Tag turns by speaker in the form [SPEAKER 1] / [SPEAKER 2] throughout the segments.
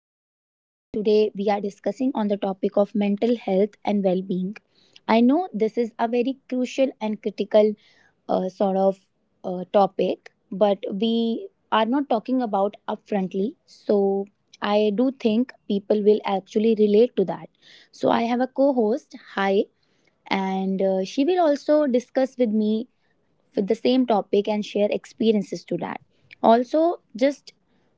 [SPEAKER 1] podcast. Today we are discussing on the topic of mental health and well-being. I know this is a very crucial and critical sort of topic, but we are not talking about upfrontly. So I do think people will actually relate to that. So I have a co-host. Hi, and she will also discuss with me with the same topic and share experiences to that. Also, just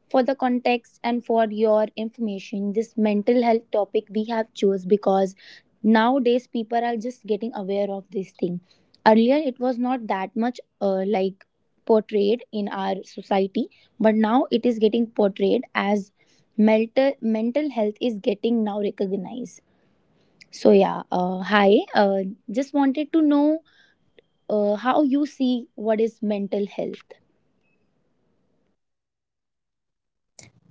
[SPEAKER 1] for the context and for your information, this mental health topic we have chose because nowadays people are just getting aware of this thing. Earlier, it was not that much like portrayed in our society, but now it is getting portrayed as mental health is getting now recognized. So yeah, hi. Just wanted to know how you see what is mental health.
[SPEAKER 2] Hello, Simran.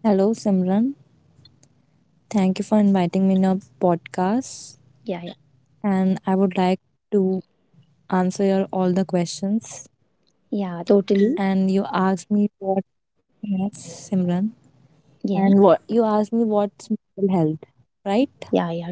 [SPEAKER 2] Thank you for inviting me in your podcast.
[SPEAKER 1] Yeah, yeah,
[SPEAKER 2] And I would like to answer your all the questions.
[SPEAKER 1] yeah, totally.
[SPEAKER 2] And you asked me what yes, Simran.
[SPEAKER 1] Yeah,
[SPEAKER 2] And what you asked me what's mental health, right?
[SPEAKER 1] yeah, yeah,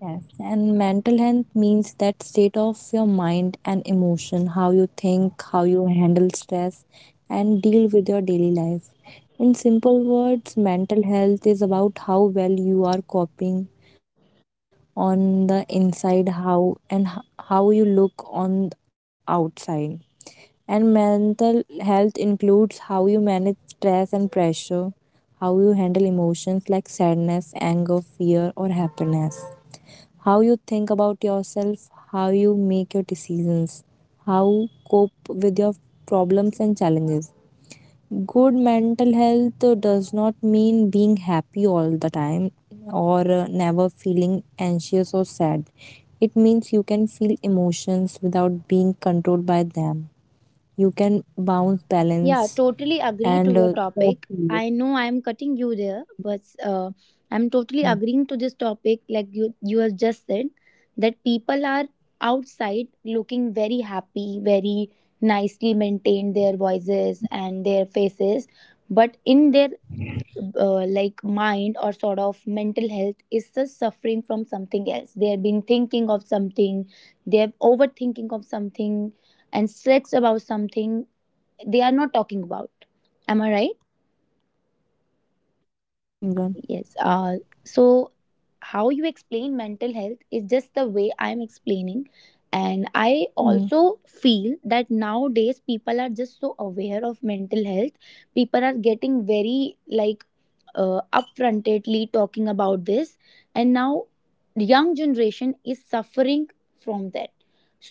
[SPEAKER 2] Yes, and mental health means that state of your mind and emotion, how you think, how you handle stress, and deal with your daily life. In simple words, mental health is about how well you are coping on the inside, how you look on the outside. And mental health includes how you manage stress and pressure, how you handle emotions like sadness, anger, fear, or happiness, how you think about yourself, how you make your decisions, how cope with your problems and challenges. Good mental health does not mean being happy all the time or never feeling anxious or sad. It means you can feel emotions without being controlled by them. You can bounce
[SPEAKER 1] yeah,
[SPEAKER 2] balance
[SPEAKER 1] totally agree to your
[SPEAKER 2] and
[SPEAKER 1] topic. I know I'm cutting you there, but I'm totally agreeing to this topic, like you have just said, that people are outside looking very happy, very nicely maintained their voices and their faces, but in their like mind or sort of mental health is just suffering from something else. They have been thinking of something, they have overthinking of something, and stressed about something they are not talking about. Am I right?
[SPEAKER 2] yes, Imran.
[SPEAKER 1] Yes, so how you explain mental health is just the way I am explaining, and I
[SPEAKER 2] Mm.
[SPEAKER 1] also feel that nowadays people are just so aware of mental health. People are getting very like upfrontedly talking about this, and now young generation is suffering from that.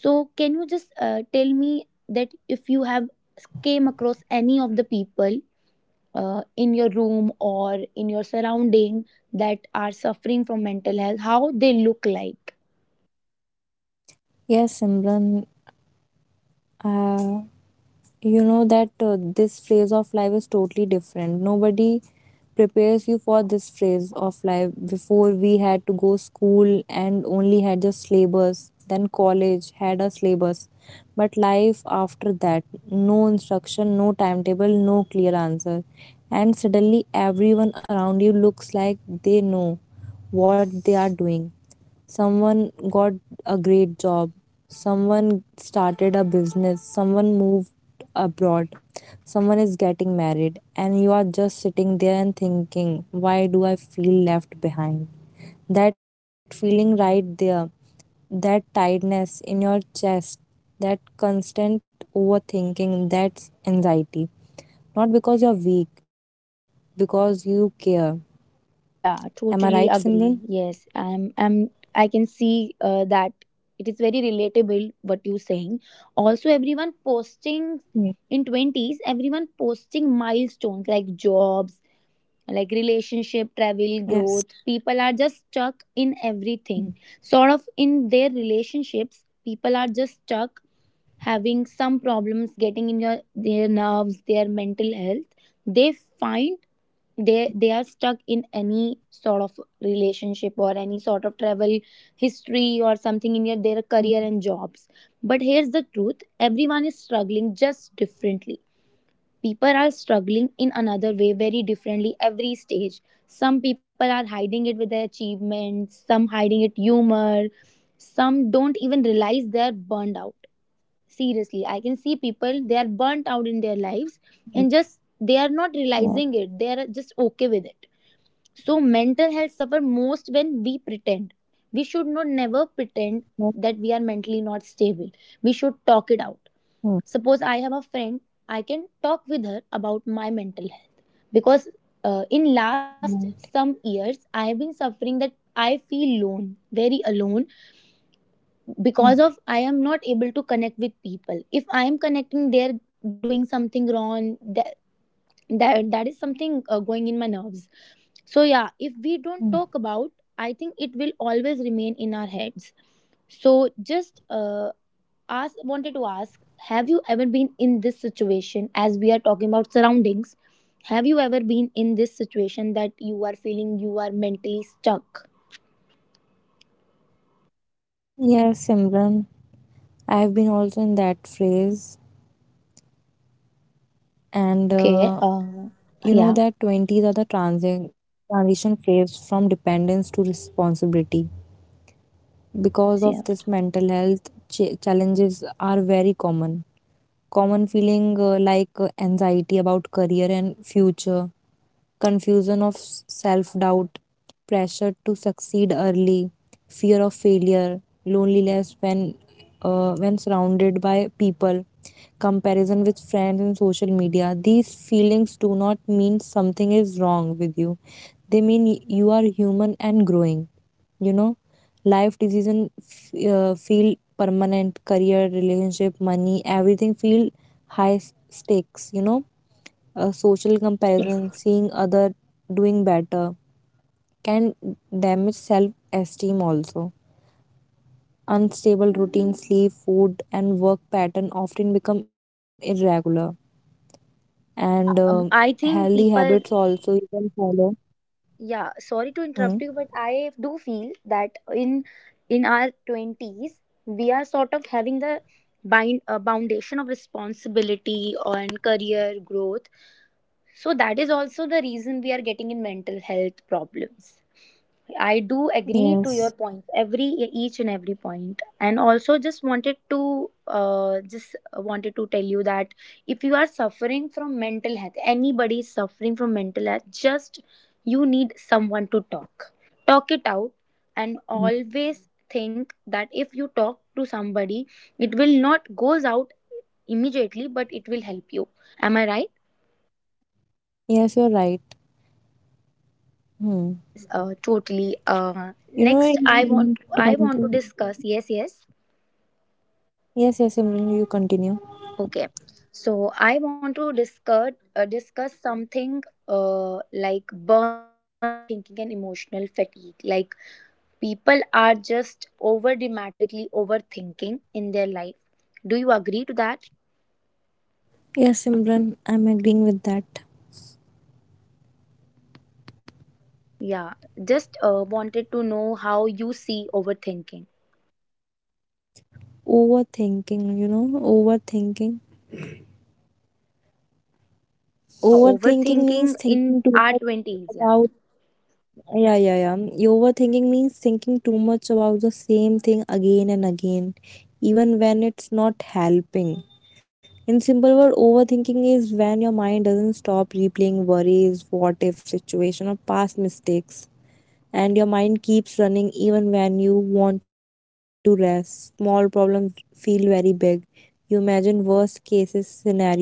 [SPEAKER 1] So can you just tell me that if you have came across any of the people in your room or in your surrounding that are suffering from mental health, how they look like?
[SPEAKER 2] Yes, Imran. Uh, you know that this phase of life is totally different. Nobody prepares you for this phase of life. Before, we had to go school and only had just syllabus, then college had a syllabus, but life after that, no instruction, no timetable, no clear answer. And suddenly everyone around you looks like they know what they are doing. Someone got a great job, someone started a business, someone moved abroad, someone is getting married, and you are just sitting there and thinking, why do I feel left behind? That feeling right there, that tightness in your chest, that constant overthinking, that's anxiety. Not because you're weak, because you care. Am I right,
[SPEAKER 1] Yeah,
[SPEAKER 2] Simran?
[SPEAKER 1] totally agree. Yes, I can see that it is very relatable what you're saying. Also, everyone posting in twenties, everyone posting milestones like jobs, like relationship, travel,
[SPEAKER 2] Yes.
[SPEAKER 1] growth. People are just stuck in everything. Sort of in their relationships, people are just stuck having some problems getting in your their nerves, their mental health. They find they are stuck in any sort of relationship or any sort of travel history or something in your, their career and jobs. But here's the truth: everyone is struggling, just differently. People are struggling in another way, very differently, every stage. Some people are hiding it with their achievements, some hiding it humor, some don't even realize they're burned out. Seriously, I can see people, they are burnt out in their lives and just they are not realizing it. They are just okay with it. So mental health suffer most when we pretend. We should not never pretend that we are mentally not stable. We should talk it out. Suppose I have a friend, I can talk with her about my mental health, because in last some years
[SPEAKER 2] Yes.
[SPEAKER 1] I have been suffering that I feel alone, very alone, because of I
[SPEAKER 2] Mm,
[SPEAKER 1] am not able to connect with people. If I am connecting, they're doing something wrong. That is something going in my nerves. So yeah, if we don't talk about,
[SPEAKER 2] mm.
[SPEAKER 1] I think it will always remain in our heads. So just ask wanted to ask, have you ever been in this situation, as we are talking about surroundings, have you ever been in this situation that you are feeling you are mentally stuck?
[SPEAKER 2] Yes, Simran, I've been also in that phase, and
[SPEAKER 1] Okay,
[SPEAKER 2] you know
[SPEAKER 1] yeah.
[SPEAKER 2] that 20s are the transition phase from dependence to responsibility. Because of
[SPEAKER 1] Yes,
[SPEAKER 2] this,
[SPEAKER 1] yes.
[SPEAKER 2] mental health ch challenges are very common. Common feeling like anxiety about career and future, confusion of self doubt, pressure to succeed early, fear of failure, loneliness when surrounded by people, comparison with friends and social media. These feelings do not mean something is wrong with you. They mean you are human and growing. You know, life decision feel permanent, career, relationship, money, everything feel high stakes. You know, social
[SPEAKER 1] Yes, yes.
[SPEAKER 2] comparison, seeing other doing better can damage self-esteem also. Unstable routine, sleep, food and work pattern often become irregular, and
[SPEAKER 1] Yeah, I
[SPEAKER 2] healthy
[SPEAKER 1] think
[SPEAKER 2] habits
[SPEAKER 1] people,
[SPEAKER 2] also you can follow.
[SPEAKER 1] yeah, sorry to
[SPEAKER 2] Hmm.
[SPEAKER 1] interrupt you, but I do feel that in our 20s we are sort of having the bind foundation of responsibility and career growth. So that is also the reason we are getting in mental health problems. I do agree to your
[SPEAKER 2] Yes.
[SPEAKER 1] points, every each and every point, and also just wanted to tell you that if you are suffering from mental health, anybody is suffering from mental health, just you need someone to talk, talk it out, and
[SPEAKER 2] Hmm.
[SPEAKER 1] always think that if you talk to somebody, it will not goes out immediately, but it will help you. Am I right?
[SPEAKER 2] Yes, you're right. Hmm.
[SPEAKER 1] Yes, totally.
[SPEAKER 2] You know,
[SPEAKER 1] Next, I
[SPEAKER 2] in
[SPEAKER 1] want I want to
[SPEAKER 2] 20,
[SPEAKER 1] discuss. Yes, yes.
[SPEAKER 2] yes, yes, Simran, you continue.
[SPEAKER 1] Okay, so I want to discuss something like burnout, overthinking, and emotional fatigue. Like people are just over dramatically overthinking in their life. Do you agree to that?
[SPEAKER 2] Yes, Simran, I'm agreeing with that.
[SPEAKER 1] Yeah, just wanted to know how you see overthinking.
[SPEAKER 2] Overthinking,
[SPEAKER 1] Yeah,
[SPEAKER 2] overthinking means
[SPEAKER 1] overthinking in
[SPEAKER 2] thinking too
[SPEAKER 1] our
[SPEAKER 2] much
[SPEAKER 1] twenties. Yeah,
[SPEAKER 2] about, yeah, yeah, yeah. overthinking means thinking too much about the same thing again and again, even when it's not helping. In simple word, overthinking is when your mind doesn't stop replaying worries, what if situation, or past mistakes. And your mind keeps running even when you want to rest. Small problems feel very big. You imagine worst cases scenarios,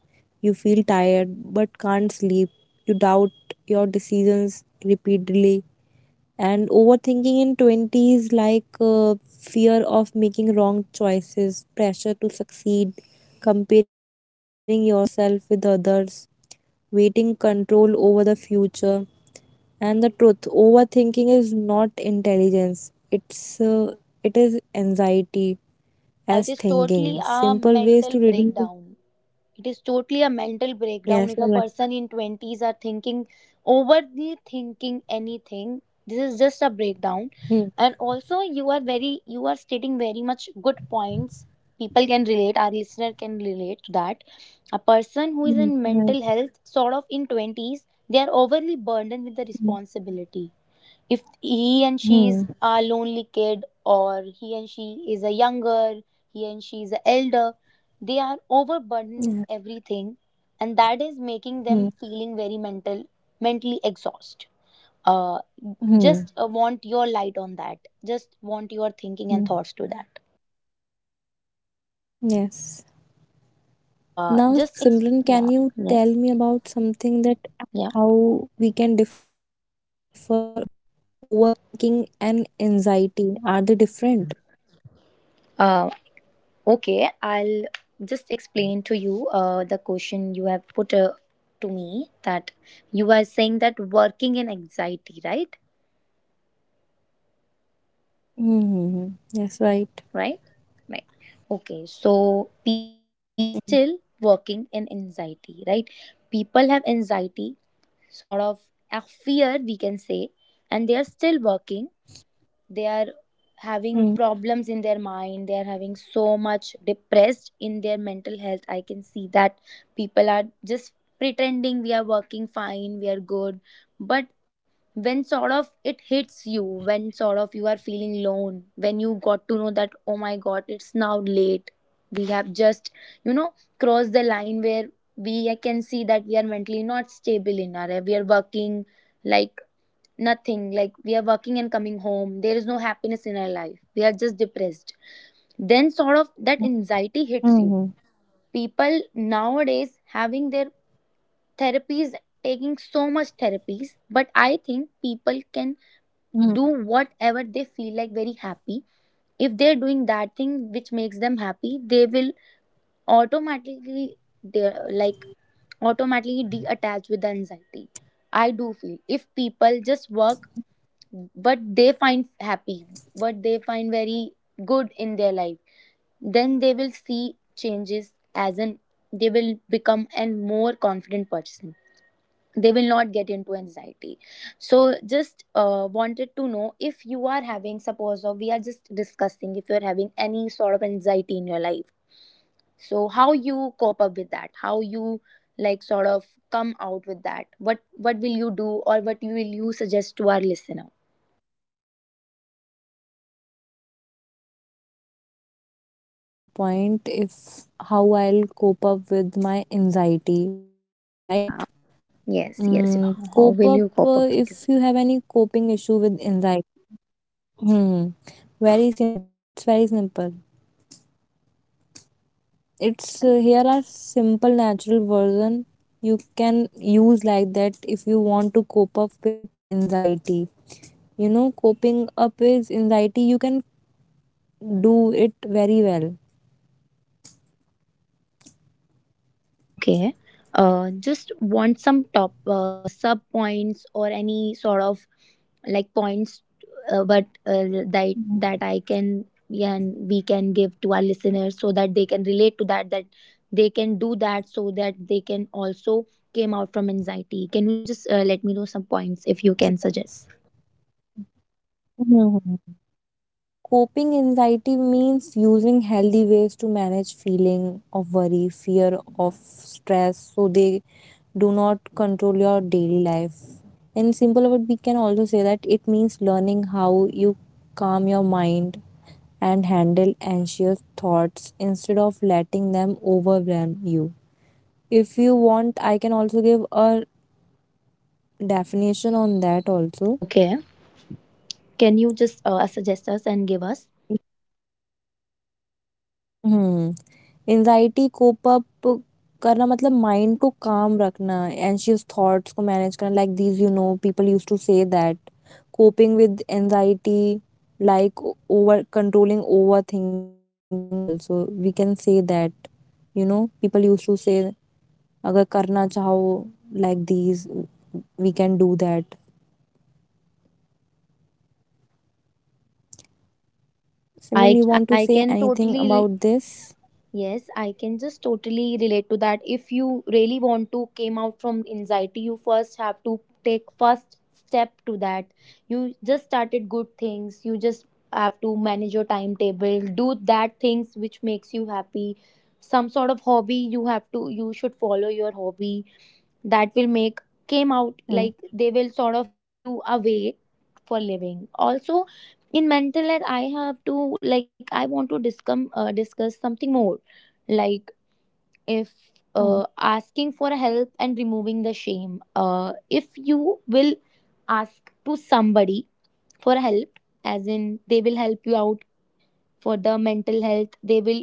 [SPEAKER 2] you feel tired but can't sleep. You doubt your decisions repeatedly. And overthinking in twenties, like fear of making wrong choices, pressure to succeed, comparing yourself with others, waiting control over the future. And the truth, overthinking is not intelligence. It is anxiety
[SPEAKER 1] yeah, it
[SPEAKER 2] as
[SPEAKER 1] is totally
[SPEAKER 2] thinking.
[SPEAKER 1] a
[SPEAKER 2] Simple ways
[SPEAKER 1] mental
[SPEAKER 2] to reduce.
[SPEAKER 1] breakdown. It is totally a mental breakdown if
[SPEAKER 2] Yes,
[SPEAKER 1] a
[SPEAKER 2] you're right.
[SPEAKER 1] person in 20s are thinking overly thinking anything, this is just a breakdown.
[SPEAKER 2] Hmm.
[SPEAKER 1] And also, you are very, you are stating very much good points. People can relate, our listener can relate to that. A person who is in
[SPEAKER 2] Hmm.
[SPEAKER 1] mental
[SPEAKER 2] Yes.
[SPEAKER 1] health sort of in 20s, they are overly burdened with the
[SPEAKER 2] Hmm.
[SPEAKER 1] responsibility. If he and she is a
[SPEAKER 2] Hmm.
[SPEAKER 1] lonely kid, or he and she is a younger, he and she is a elder, they are overburdened with
[SPEAKER 2] Yeah.
[SPEAKER 1] everything, and that is making them feeling
[SPEAKER 2] Hmm.
[SPEAKER 1] very mentally exhausted. uh, just want
[SPEAKER 2] Hmm.
[SPEAKER 1] your light on that, just want your thinking and thoughts to
[SPEAKER 2] Hmm.
[SPEAKER 1] that.
[SPEAKER 2] Yes. Now, Simran, can
[SPEAKER 1] Yeah.
[SPEAKER 2] you tell
[SPEAKER 1] Yes,
[SPEAKER 2] me about something, that
[SPEAKER 1] yeah.
[SPEAKER 2] how we can differ overthinking and anxiety? Are they different?
[SPEAKER 1] uh, Okay, I'll just explain to you the question you have put to me, that you are saying that working in anxiety, right?
[SPEAKER 2] Mm-hmm. Yes, right.
[SPEAKER 1] Right? Right. Okay, so people are
[SPEAKER 2] Mm-hmm.
[SPEAKER 1] still working in anxiety, right? People have anxiety, sort of a fear, we can say, and they are still working. They are having problems in their mind, they are having so much depressed in their mental health. I can see that people are just pretending we are working fine, we are good. But when sort of it hits you, when sort of you are feeling alone, when you got to know that, oh my god, it's now late, we have just, you know, crossed the line where we can see that we are mentally not stable. In our, we are working like nothing, like we are working and coming home, there is no happiness in our life, we are just depressed. Then sort of that anxiety hits you.
[SPEAKER 2] Mm-hmm.
[SPEAKER 1] People nowadays having their therapies, taking so much therapies, but I think people can do
[SPEAKER 2] Hmm.
[SPEAKER 1] whatever they feel like very happy. If they're doing that thing which makes them happy, they will automatically, they like automatically detach with the anxiety. I do feel if people just work what they find happy, what they find very good in their life, then they will see changes as an, they will become a more confident person. They will not get into anxiety. So just wanted to know, if you are having suppose, or we are just discussing, if you are having any sort of anxiety in your life, so how you cope up with that? How you like sort of come out with that? What will you do, or what will you suggest to our listener?
[SPEAKER 2] Yes, Simran, get your point. If how I'll cope up with my anxiety, right?
[SPEAKER 1] Yeah. Yes,
[SPEAKER 2] Mm,
[SPEAKER 1] yes.
[SPEAKER 2] cope
[SPEAKER 1] How
[SPEAKER 2] up,
[SPEAKER 1] will you cope up
[SPEAKER 2] if
[SPEAKER 1] with
[SPEAKER 2] you
[SPEAKER 1] it?
[SPEAKER 2] have any coping issue with anxiety. Hmm. Very simple. It's very simple.
[SPEAKER 1] Yeah,
[SPEAKER 2] It's here are simple natural version you can use like that if you want to cope up with anxiety. You know coping up with anxiety, you can do it very well.
[SPEAKER 1] okay. Just want some top sub points or any sort of like points, but that I can, yeah, and we can give to our listeners so that they can relate to that, that they can do that, so that they can also came out from anxiety. Can you just let me know some points, if you can suggest?
[SPEAKER 2] Mhm. Coping anxiety means using healthy ways to manage feeling of worry, fear of stress, so they do not control your daily life. In simple word, we can also say that it means learning how you calm your mind and handle anxious thoughts instead of letting them overwhelm you. If you want, I can also give a definition on that. Also,
[SPEAKER 1] Okay. Can you just suggest us and give us?
[SPEAKER 2] hmm, anxiety cope up, करना मतलब mind को calm रखना, anxious thoughts को manage करना. Like these, you know, people used to say that coping with anxiety, like over controlling, overthinking. Also, we can say that, you know, people used to say. Agar karna chaho, like these, we can do that.
[SPEAKER 1] Yeah,
[SPEAKER 2] Simran,
[SPEAKER 1] I
[SPEAKER 2] you want
[SPEAKER 1] I
[SPEAKER 2] to say
[SPEAKER 1] can
[SPEAKER 2] anything
[SPEAKER 1] totally.
[SPEAKER 2] about this?
[SPEAKER 1] Yes, I can just totally relate to that. If you really want to came out from anxiety, you first have to take first step to that. You just started good things. You just have to manage your timetable, do that things which makes you happy. Some sort of hobby you have to you should follow your hobby that will make came out like
[SPEAKER 2] Hmm.
[SPEAKER 1] they will sort of give you a way for living also. In mental health I have to, like, I want to discuss discuss something more, like, if
[SPEAKER 2] Hmm.
[SPEAKER 1] asking for help and removing the shame, if you will ask to somebody for help, as in they will help you out for the mental health. They will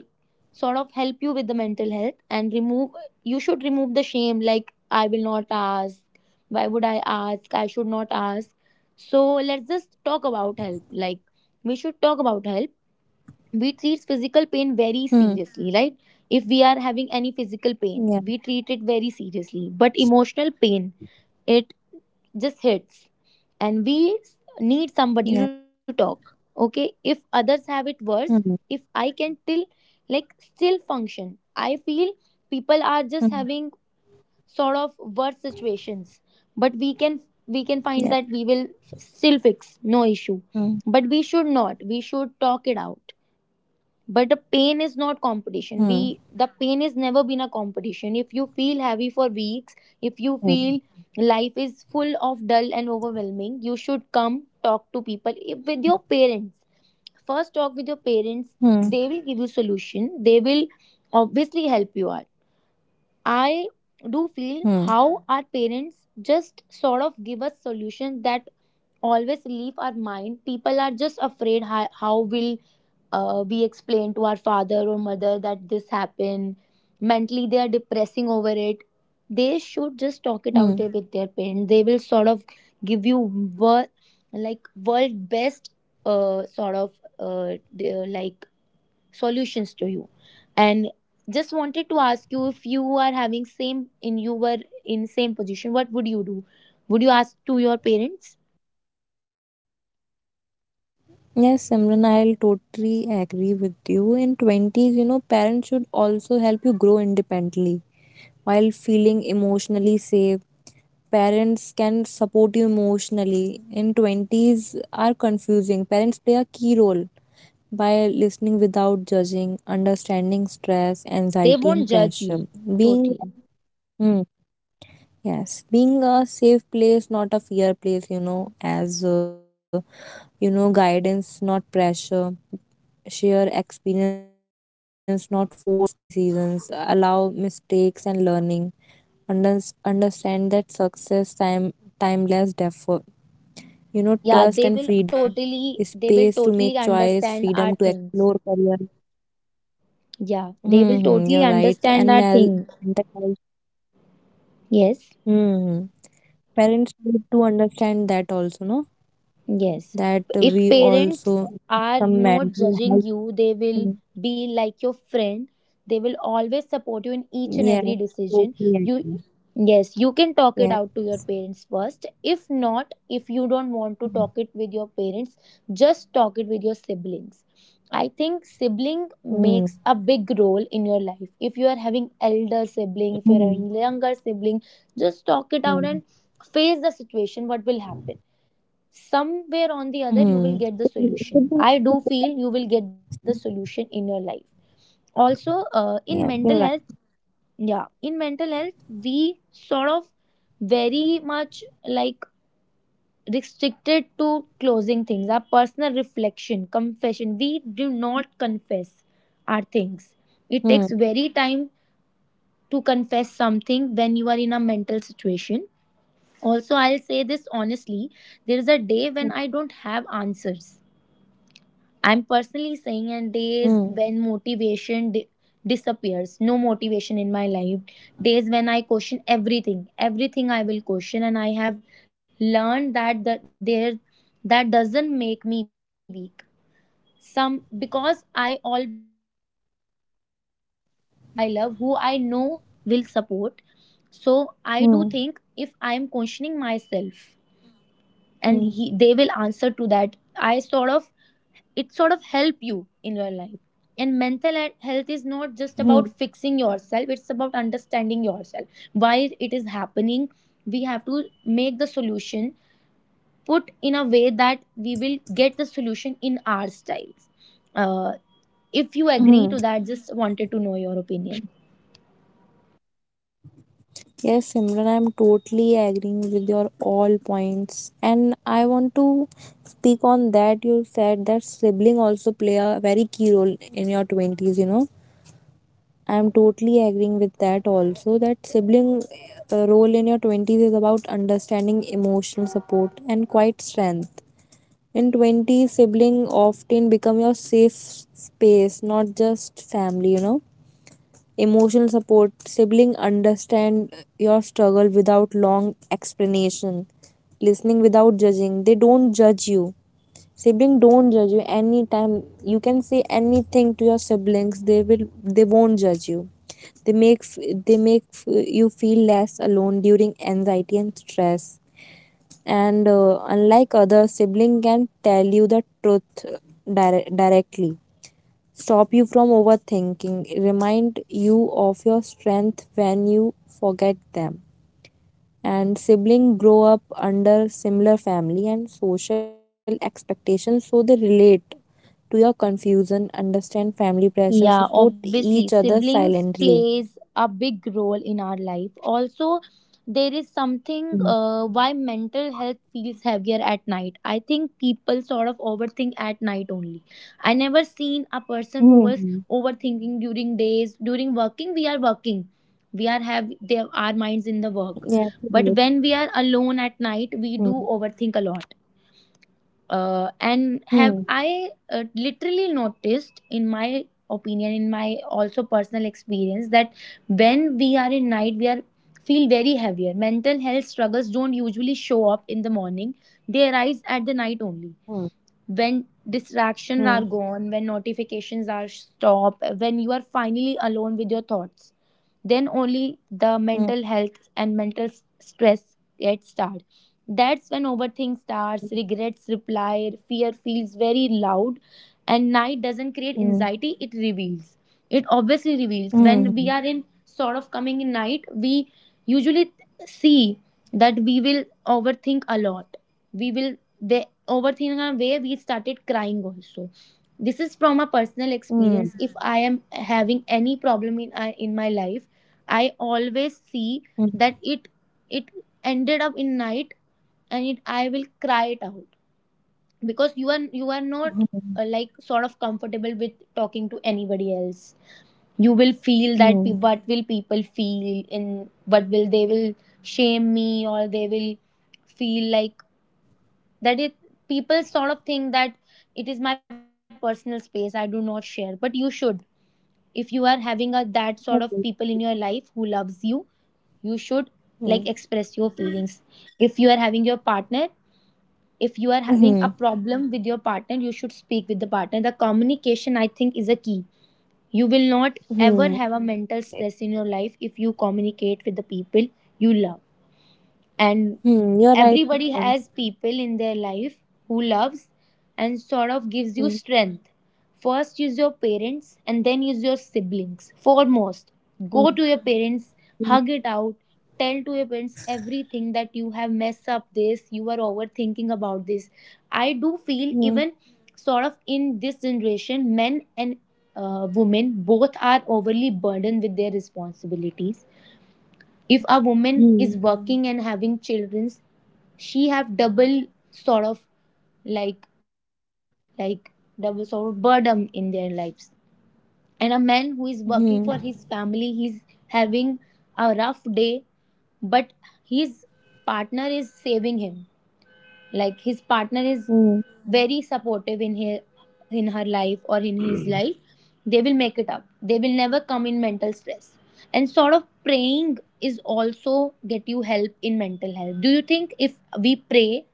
[SPEAKER 1] sort of help you with the mental health and remove, you should remove the shame, like, I will not ask, why would I ask, I should not ask. So let's just talk about help, like, we should talk about help. We treat physical pain very
[SPEAKER 2] Hmm.
[SPEAKER 1] seriously, right? If we are having any physical pain, we
[SPEAKER 2] Yeah.
[SPEAKER 1] treat it very seriously, but emotional pain, it just hits and need somebody to
[SPEAKER 2] Yeah.
[SPEAKER 1] talk. Okay, if others have it worse, if I
[SPEAKER 2] Hmm.
[SPEAKER 1] can till, like, still function, I feel people are just having
[SPEAKER 2] Hmm.
[SPEAKER 1] sort of worse situations, but we can, we can find that
[SPEAKER 2] Yeah.
[SPEAKER 1] still fix, no issue, but
[SPEAKER 2] Hmm.
[SPEAKER 1] we should not, we should talk it out. But the pain is not
[SPEAKER 2] Hmm.
[SPEAKER 1] competition, we the pain is never been a competition. If you feel heavy for weeks, if you
[SPEAKER 2] Hmm.
[SPEAKER 1] feel life is full of dull and overwhelming, you should come talk to people, with your parents. First talk with your parents,
[SPEAKER 2] Hmm.
[SPEAKER 1] they will give you solution, they will obviously help you out. I do feel
[SPEAKER 2] Hmm.
[SPEAKER 1] how our parents just sort of give us solutions that always leave our mind. People are just afraid how will we explain to our father or mother that this happened. Mentally they are depressing over it. They should just talk it out there
[SPEAKER 2] Hmm.
[SPEAKER 1] with their parents, they will sort of give you wor- like world best sort of like solutions to you. And just wanted to ask you, if you are having same, in you were in same position, what would you do? Would you ask to your parents?
[SPEAKER 2] Yes, Simran, I'll totally agree with you. In 20s, you know, parents should also help you grow independently while feeling emotionally safe. Parents can support you emotionally. In 20s are confusing. Parents play a key role by listening without judging, understanding
[SPEAKER 1] Yeah,
[SPEAKER 2] stress,
[SPEAKER 1] totally. They
[SPEAKER 2] anxiety,
[SPEAKER 1] won't
[SPEAKER 2] and
[SPEAKER 1] judge
[SPEAKER 2] pressure.
[SPEAKER 1] you.
[SPEAKER 2] Being,
[SPEAKER 1] Totally.
[SPEAKER 2] mm, yes, being a safe place, not a fear place, you know, as you know, guidance, not pressure, share experience, not force decisions, allow mistakes and learning, understand that success, time, timeless, defer, you know, trust and
[SPEAKER 1] Yeah, they
[SPEAKER 2] freedom,
[SPEAKER 1] will totally,
[SPEAKER 2] space to
[SPEAKER 1] they will
[SPEAKER 2] make
[SPEAKER 1] totally
[SPEAKER 2] choice, freedom to
[SPEAKER 1] understand our
[SPEAKER 2] explore
[SPEAKER 1] things.
[SPEAKER 2] career.
[SPEAKER 1] Yeah, they
[SPEAKER 2] Mm-hmm,
[SPEAKER 1] will
[SPEAKER 2] you're
[SPEAKER 1] totally
[SPEAKER 2] right. And
[SPEAKER 1] understand
[SPEAKER 2] mal
[SPEAKER 1] our thing.
[SPEAKER 2] mental health.
[SPEAKER 1] Yes.
[SPEAKER 2] Mm-hmm. Parents need to understand that also, no?
[SPEAKER 1] Yes.
[SPEAKER 2] That
[SPEAKER 1] If
[SPEAKER 2] we
[SPEAKER 1] parents
[SPEAKER 2] also
[SPEAKER 1] are
[SPEAKER 2] some
[SPEAKER 1] not
[SPEAKER 2] mental
[SPEAKER 1] judging
[SPEAKER 2] health.
[SPEAKER 1] you, they will
[SPEAKER 2] Mm.
[SPEAKER 1] be like your friend. They will always support you in each and every
[SPEAKER 2] Yeah,
[SPEAKER 1] decision.
[SPEAKER 2] totally
[SPEAKER 1] You
[SPEAKER 2] agree.
[SPEAKER 1] Yes, you can talk it out
[SPEAKER 2] Yeah.
[SPEAKER 1] to your parents first. If not, if you don't want to talk it with your parents, just talk it with your siblings. I think sibling makes a
[SPEAKER 2] Mm-hmm.
[SPEAKER 1] big role in your life. If you are having elder sibling, if you are having younger sibling, just talk it out and
[SPEAKER 2] Yeah.
[SPEAKER 1] face the situation, what will happen. Somewhere on the other, you will get the
[SPEAKER 2] Mm.
[SPEAKER 1] solution. I do feel
[SPEAKER 2] Should
[SPEAKER 1] you
[SPEAKER 2] be-
[SPEAKER 1] will get the solution in your life also, in mental health.
[SPEAKER 2] Yeah, you're right.
[SPEAKER 1] Yeah, in mental health we sort of very much, like, restricted to closing things. Our personal reflection, confession, we do not confess our things. It takes very
[SPEAKER 2] Mm.
[SPEAKER 1] time to confess something when you are in a mental situation. Also, I'll say this honestly, there is a day when I don't have answers. I'm personally saying, and
[SPEAKER 2] Mm.
[SPEAKER 1] days when disappears, no motivation in my life, days when I question everything, everything I will question, and I have learned that that there that doesn't make me weak. Some because I always talk to the person who I love, who I know will support. So I do think if I am
[SPEAKER 2] Mm.
[SPEAKER 1] questioning myself, and they will
[SPEAKER 2] Mm.
[SPEAKER 1] answer to that, I sort of, it sort of help you in your life. And mental health is not just
[SPEAKER 2] Mm.
[SPEAKER 1] about fixing yourself, it's about understanding yourself, why it is happening. We have to make the solution, put in a way that we will get the solution in our styles. Uh, if you agree
[SPEAKER 2] Mm.
[SPEAKER 1] to that, just wanted to know your opinion.
[SPEAKER 2] Yes, Simran, I'm totally agreeing with your all points. And I want to speak on that you said that sibling also play a very key role in your 20s, you know. I'm totally agreeing
[SPEAKER 1] Yeah.
[SPEAKER 2] with that also that sibling role in your 20s is about understanding emotional support and quiet strength. In 20s, sibling often become your safe space, not just family, you know. Emotional support, sibling understand your struggle without long explanation. Listening without judging, they don't judge you. Sibling don't judge you anytime. You can say anything to your siblings, they won't judge you. They make f- they make f- you feel less alone during anxiety and stress. And unlike other, sibling can tell you the truth directly, stop you from overthinking, remind you of your strength when you forget them. And siblings grow up under similar family and social expectations, so they relate to your confusion, understand family pressure, support
[SPEAKER 1] Yeah,
[SPEAKER 2] each other
[SPEAKER 1] obviously, siblings
[SPEAKER 2] silently.
[SPEAKER 1] plays a big role in our life. Also, there is
[SPEAKER 2] Mm.
[SPEAKER 1] something, why mental health feels heavier at night. I think people sort of overthink at night only. I never seen a person
[SPEAKER 2] Mm.
[SPEAKER 1] who was overthinking during days. During working. We are have they, our
[SPEAKER 2] Yes,
[SPEAKER 1] minds in the
[SPEAKER 2] right.
[SPEAKER 1] work. But when we are alone
[SPEAKER 2] Mm.
[SPEAKER 1] at night, we do overthink a lot,
[SPEAKER 2] Mm.
[SPEAKER 1] and have I literally noticed in my opinion, in my also personal experience, that when we are in night we are feel very heavier. Mental health struggles don't usually show up in the morning, they arise at the night only, when
[SPEAKER 2] Mm.
[SPEAKER 1] distractions are gone, when notifications are stopped, when you are finally alone with your thoughts. Then only the
[SPEAKER 2] Mm.
[SPEAKER 1] mental health and mental stress get started. That's when overthink starts, regrets reply, fear feels very loud. And night doesn't create
[SPEAKER 2] Mm.
[SPEAKER 1] anxiety, it reveals, it obviously reveals. When
[SPEAKER 2] Mm.
[SPEAKER 1] we are in sort of coming in night, we usually see that we will overthink a lot, we will, we overthink in a way we started crying also. This is from a personal
[SPEAKER 2] Mm. Mm.
[SPEAKER 1] experience. If I am having any problem in my life, I always
[SPEAKER 2] Mm.
[SPEAKER 1] see that it ended up in night, and it I will cry it out. Because you are not,
[SPEAKER 2] Mm.
[SPEAKER 1] like, sort of comfortable with talking to anybody else. You will feel that
[SPEAKER 2] Mm.
[SPEAKER 1] what will people feel in, what will they will shame me, or they will feel like that it, people sort of think that it is my personal space, I do not share. But you should, if you are having a that sort of people
[SPEAKER 2] Okay.
[SPEAKER 1] in your life who loves you, you should, like,
[SPEAKER 2] Mm.
[SPEAKER 1] express your feelings. If you are having your partner, if you are having a
[SPEAKER 2] Mhm.
[SPEAKER 1] problem with your partner, you should speak with the partner. The communication, I think, is a key. You will not ever
[SPEAKER 2] Mhm.
[SPEAKER 1] have a mental stress in your life if you communicate with the people you love. And
[SPEAKER 2] Hmm, you're right,
[SPEAKER 1] everybody
[SPEAKER 2] Simran.
[SPEAKER 1] has people in their life who loves and sort of gives you
[SPEAKER 2] Hmm,
[SPEAKER 1] strength. First is your parents, and then is your siblings. Foremost, go
[SPEAKER 2] hmm,
[SPEAKER 1] to your parents,
[SPEAKER 2] hmm,
[SPEAKER 1] hug it out, tell to your parents everything that you have messed up, this you are overthinking about this. I do feel, even
[SPEAKER 2] hmm,
[SPEAKER 1] sort of in this generation, men and, women both are overly burdened with their responsibilities. If a
[SPEAKER 2] hmm,
[SPEAKER 1] woman is working and having children, she have double sort of like problems, like double sort of burden in their lives. And a man who is
[SPEAKER 2] hmm,
[SPEAKER 1] working for his family, he's having a rough day, but his partner is saving him, like his partner is
[SPEAKER 2] hmm.
[SPEAKER 1] very supportive in her, in her life or in his life. They will make it up, they will never come in mental stress. And sort of praying is also get you help in mental health. Do you think if we pray,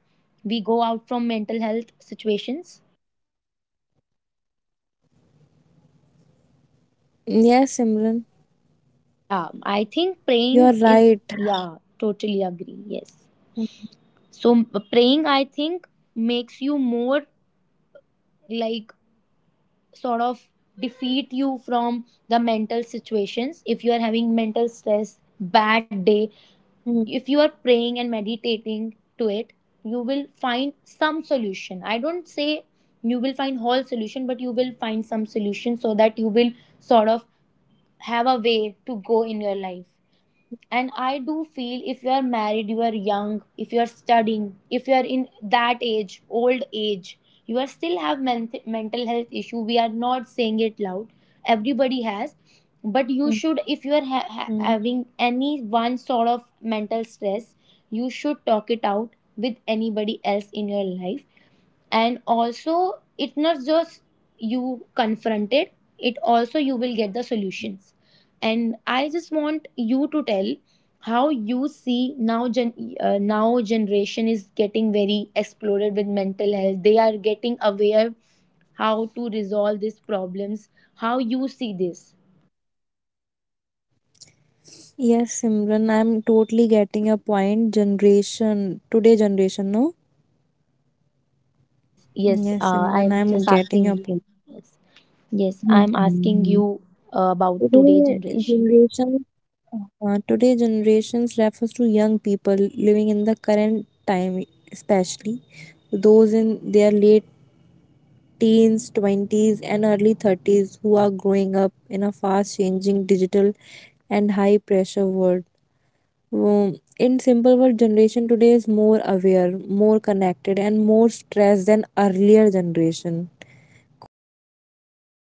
[SPEAKER 1] we go out from mental health situations?
[SPEAKER 2] Yes, Simran,
[SPEAKER 1] Yeah, I think praying
[SPEAKER 2] you're
[SPEAKER 1] is,
[SPEAKER 2] right.
[SPEAKER 1] yeah, totally agree, yes.
[SPEAKER 2] Hmm,
[SPEAKER 1] So praying, I think, makes you more, like, sort of defeat you from the mental situations. If you are having mental stress, bad day,
[SPEAKER 2] hmm,
[SPEAKER 1] if you are praying and meditating to it, you will find some solution. I don't say you will find whole solution, but you will find some solution, so that you will sort of have a way to go in your life. And I do feel, if you are married, you are young, if you are studying, if you are in that age, old age, you are still have mental health issue, we are not saying it loud, everybody has.
[SPEAKER 2] hmm,
[SPEAKER 1] But you should, if you are
[SPEAKER 2] hmm.
[SPEAKER 1] having any one sort of mental stress, you should talk it out with anybody else in your life. And also it's not just you confront it, it also you will get the solutions. And I just want you to tell how you see, now generation is getting very exploded with mental health, they are getting aware how to resolve these problems. How you see this?
[SPEAKER 2] Yes, Simran, I'm totally getting your point. Generation, today generation, no?
[SPEAKER 1] Yes, yes,
[SPEAKER 2] Hmm, yes, Simran,
[SPEAKER 1] I'm
[SPEAKER 2] I'm
[SPEAKER 1] just
[SPEAKER 2] getting
[SPEAKER 1] asking
[SPEAKER 2] your
[SPEAKER 1] you.
[SPEAKER 2] point.
[SPEAKER 1] Yes, yes,
[SPEAKER 2] Hmm.
[SPEAKER 1] I'm
[SPEAKER 2] Hmm,
[SPEAKER 1] asking
[SPEAKER 2] hmm.
[SPEAKER 1] you, about today
[SPEAKER 2] Today
[SPEAKER 1] generation.
[SPEAKER 2] generation, today generations refers to young people living in the current time, especially those in their late teens, 20s, and early 30s, who are growing up in a fast changing digital and high pressure world. In simple word, generation today is more aware, more connected, and more stressed than earlier generation. Constant use of social